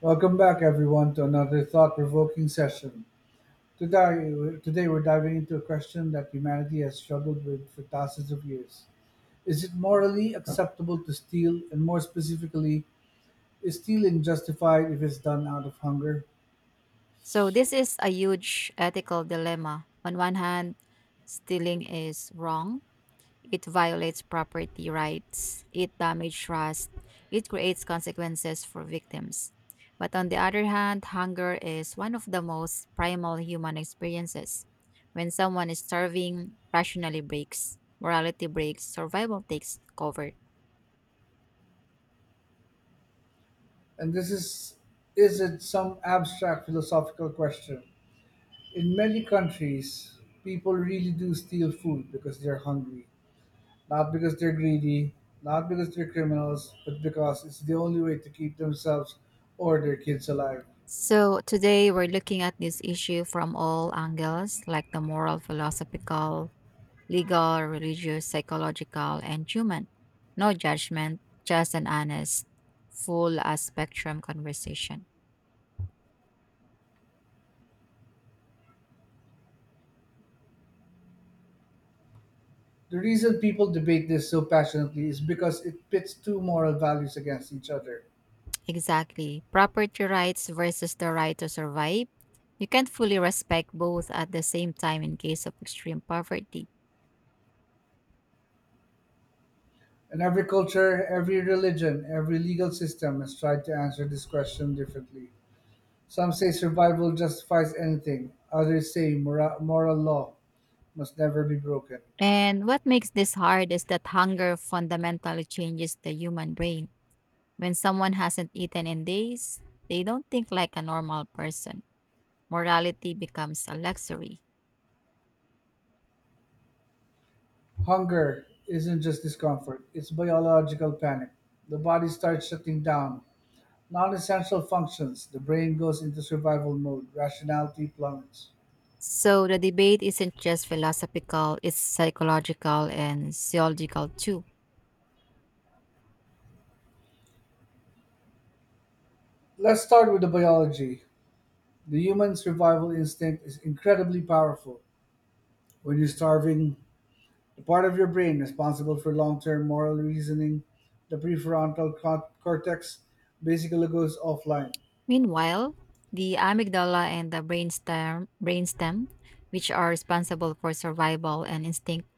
Welcome back, everyone, to another thought-provoking session. Today we're diving into a question that humanity has struggled with for thousands of years: is it morally acceptable to steal, and more specifically, is stealing justified if it's done out of hunger? So this is a huge ethical dilemma. On one hand, stealing is wrong. It violates property rights, it damages trust, it creates consequences for victims. But on the other hand, hunger is one of the most primal human experiences. When someone is starving, rationally breaks, morality breaks, survival takes cover. And this Is it some abstract philosophical question? In many countries, people really do steal food because they're hungry, not because they're greedy, not because they're criminals, but because it's the only way to keep themselves or their kids alive. So today we're looking at this issue from all angles, like the moral, philosophical, legal, religious, psychological, and human. No judgment, just an honest, full spectrum conversation. The reason people debate this so passionately is because it pits two moral values against each other. Exactly. Property rights versus the right to survive. You can't fully respect both at the same time in case of extreme poverty. And every culture, every religion, every legal system has tried to answer this question differently. Some say survival justifies anything, others say moral law must never be broken. And what makes this hard is that hunger fundamentally changes the human brain. When someone hasn't eaten in days, they don't think like a normal person. Morality becomes a luxury. Hunger isn't just discomfort, it's biological panic. The body starts shutting down Non essential functions. The brain goes into survival mode. Rationality plummets. So the debate isn't just philosophical, it's psychological and sociological too. Let's start with the biology. The human survival instinct is incredibly powerful. When you're starving, the part of your brain responsible for long term moral reasoning, the prefrontal cortex, basically goes offline. Meanwhile, the amygdala and the brainstem, which are responsible for survival and instinct,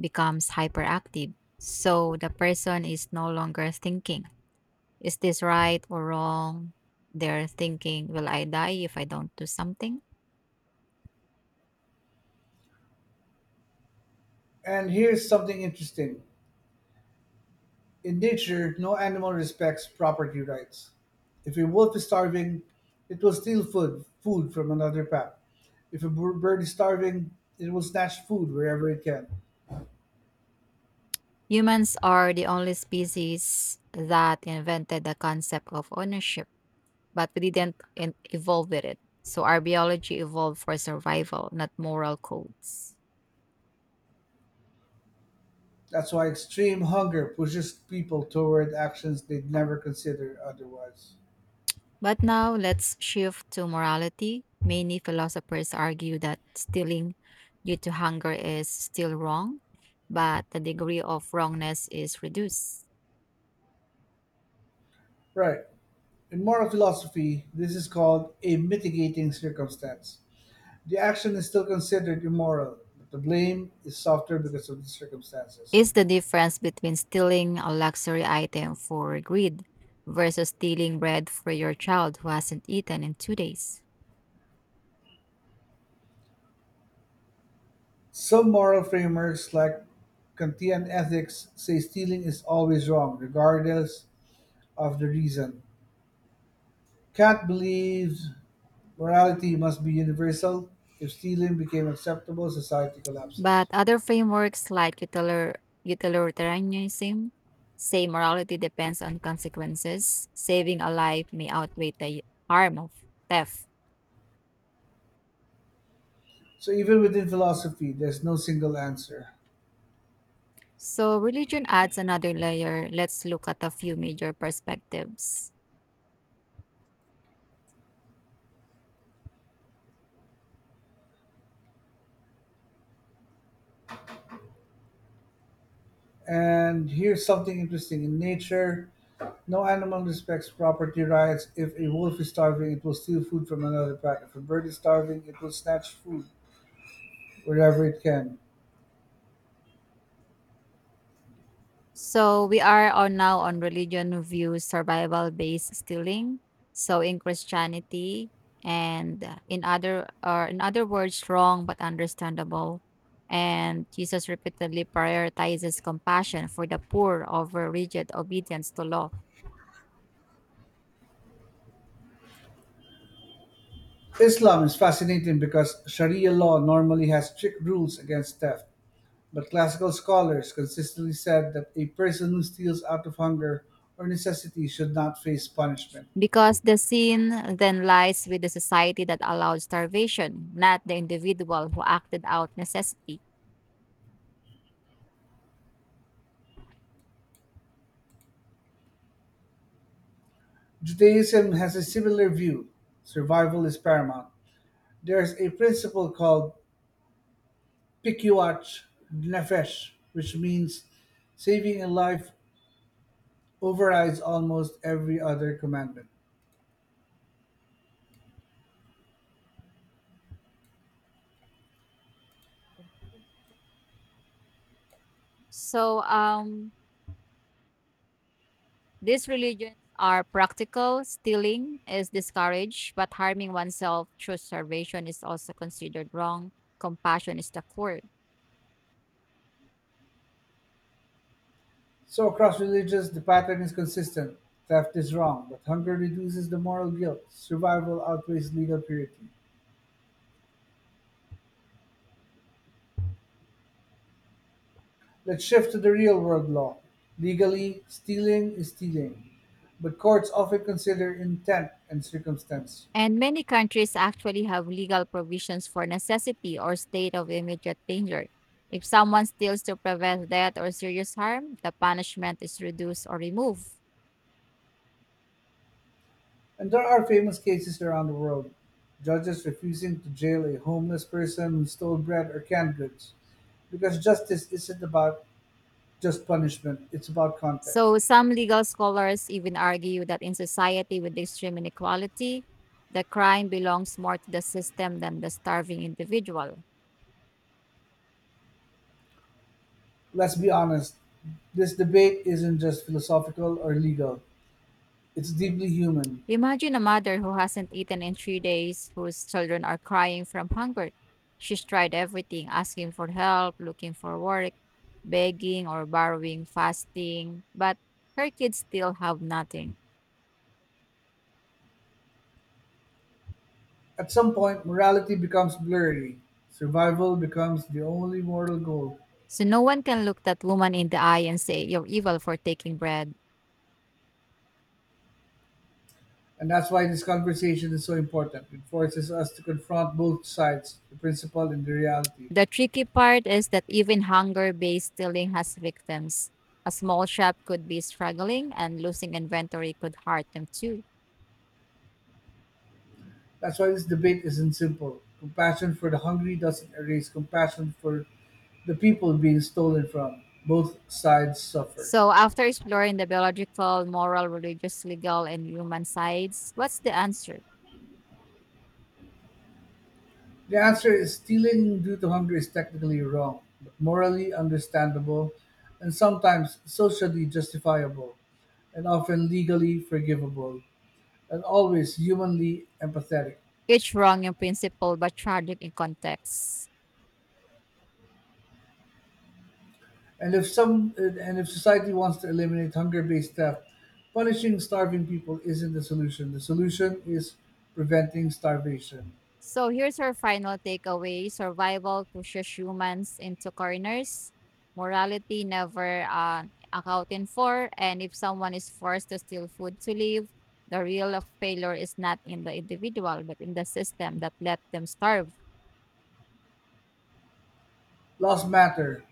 becomes hyperactive. So the person is no longer thinking, is this right or wrong? They're thinking, will I die if I don't do something? And here's something interesting. In nature, no animal respects property rights. If a wolf is starving, it will steal food from another pack. If a bird is starving, it will snatch food wherever it can. Humans are the only species that invented the concept of ownership but we didn't evolve with it. So our biology evolved for survival, not moral codes. That's why extreme hunger pushes people toward actions they'd never consider otherwise. But now let's shift to morality. Many philosophers argue that stealing due to hunger is still wrong, but the degree of wrongness is reduced. Right. In moral philosophy, this is called a mitigating circumstance. The action is still considered immoral, but the blame is softer because of the circumstances. Is the difference between stealing a luxury item for greed versus stealing bread for your child who hasn't eaten in 2 days? Some moral framers, like Kantian ethics, say stealing is always wrong, regardless of the reason. Kant believes morality must be universal. If stealing became acceptable, society collapses. But other frameworks like utilitarianism say morality depends on consequences. Saving a life may outweigh the harm of theft. So, even within philosophy, there's no single answer. So religion adds another layer. Let's look at a few major perspectives. And here's something interesting in nature, no animal respects property rights. If a wolf is starving, it will steal food from another pack. If a bird is starving, it will snatch food wherever it can. So we are on now on religion views survival based stealing. So in Christianity and in other or in other words wrong but understandable. And Jesus repeatedly prioritizes compassion for the poor over rigid obedience to law. Islam is fascinating because Sharia law normally has strict rules against theft, but classical scholars consistently said that a person who steals out of hunger or necessity should not face punishment. Because the sin then lies with the society that allowed starvation, not the individual who acted out necessity. Judaism has a similar view: survival is paramount. There is a principle called pikuach nefesh, which means saving a life overrides almost every other commandment. So, these religions are practical, stealing is discouraged, but harming oneself through starvation is also considered wrong. Compassion is the core. So across religions, the pattern is consistent: theft is wrong, but hunger reduces the moral guilt. Survival outweighs legal purity. Let's shift to the real-world law. Legally, stealing is stealing, but courts often consider intent and circumstance. And many countries actually have legal provisions for necessity or state of immediate danger. If someone steals to prevent death or serious harm, the punishment is reduced or removed. And there are famous cases around the world: judges refusing to jail a homeless person who stole bread or canned goods, because justice isn't about just punishment; it's about context. So, some legal scholars even argue that in society with extreme inequality, the crime belongs more to the system than the starving individual. Let's be honest, this debate isn't just philosophical or legal, it's deeply human. Imagine a mother who hasn't eaten in 3 days, whose children are crying from hunger. She's tried everything asking for help, looking for work, begging or borrowing, fasting, but her kids still have nothing. At some point, morality becomes blurry, survival becomes the only moral goal. So no one can look that woman in the eye and say, You're evil for taking bread. And that's why this conversation is so important. It forces us to confront both sides, the principle and the reality. The tricky part is that even hunger based stealing has victims. A small shop could be struggling, and losing inventory could hurt them too. That's why this debate isn't simple. Compassion for the hungry doesn't erase compassion for the people being stolen from. Both sides suffer. So, after exploring the biological, moral, religious, legal, and human sides, what's the answer? The answer is stealing due to hunger is technically wrong, but morally understandable and sometimes socially justifiable, and often legally forgivable, and always humanly empathetic. Each wrong in principle but tragic in context. And if society wants to eliminate hunger-based theft, punishing starving people isn't the solution. The solution is preventing starvation. So, here's our final takeaway survival pushes humans into corners, morality never accounted for, and if someone is forced to steal food to live, the real failure is not in the individual but in the system that let them starve. Laws matter,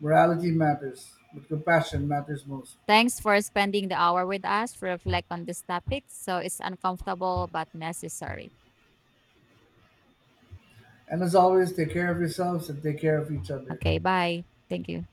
morality matters, but compassion matters most. Thanks for spending the hour with us to reflect on this topic. So it's uncomfortable but necessary. And as always, take care of yourselves and take care of each other. Okay, bye. Thank you.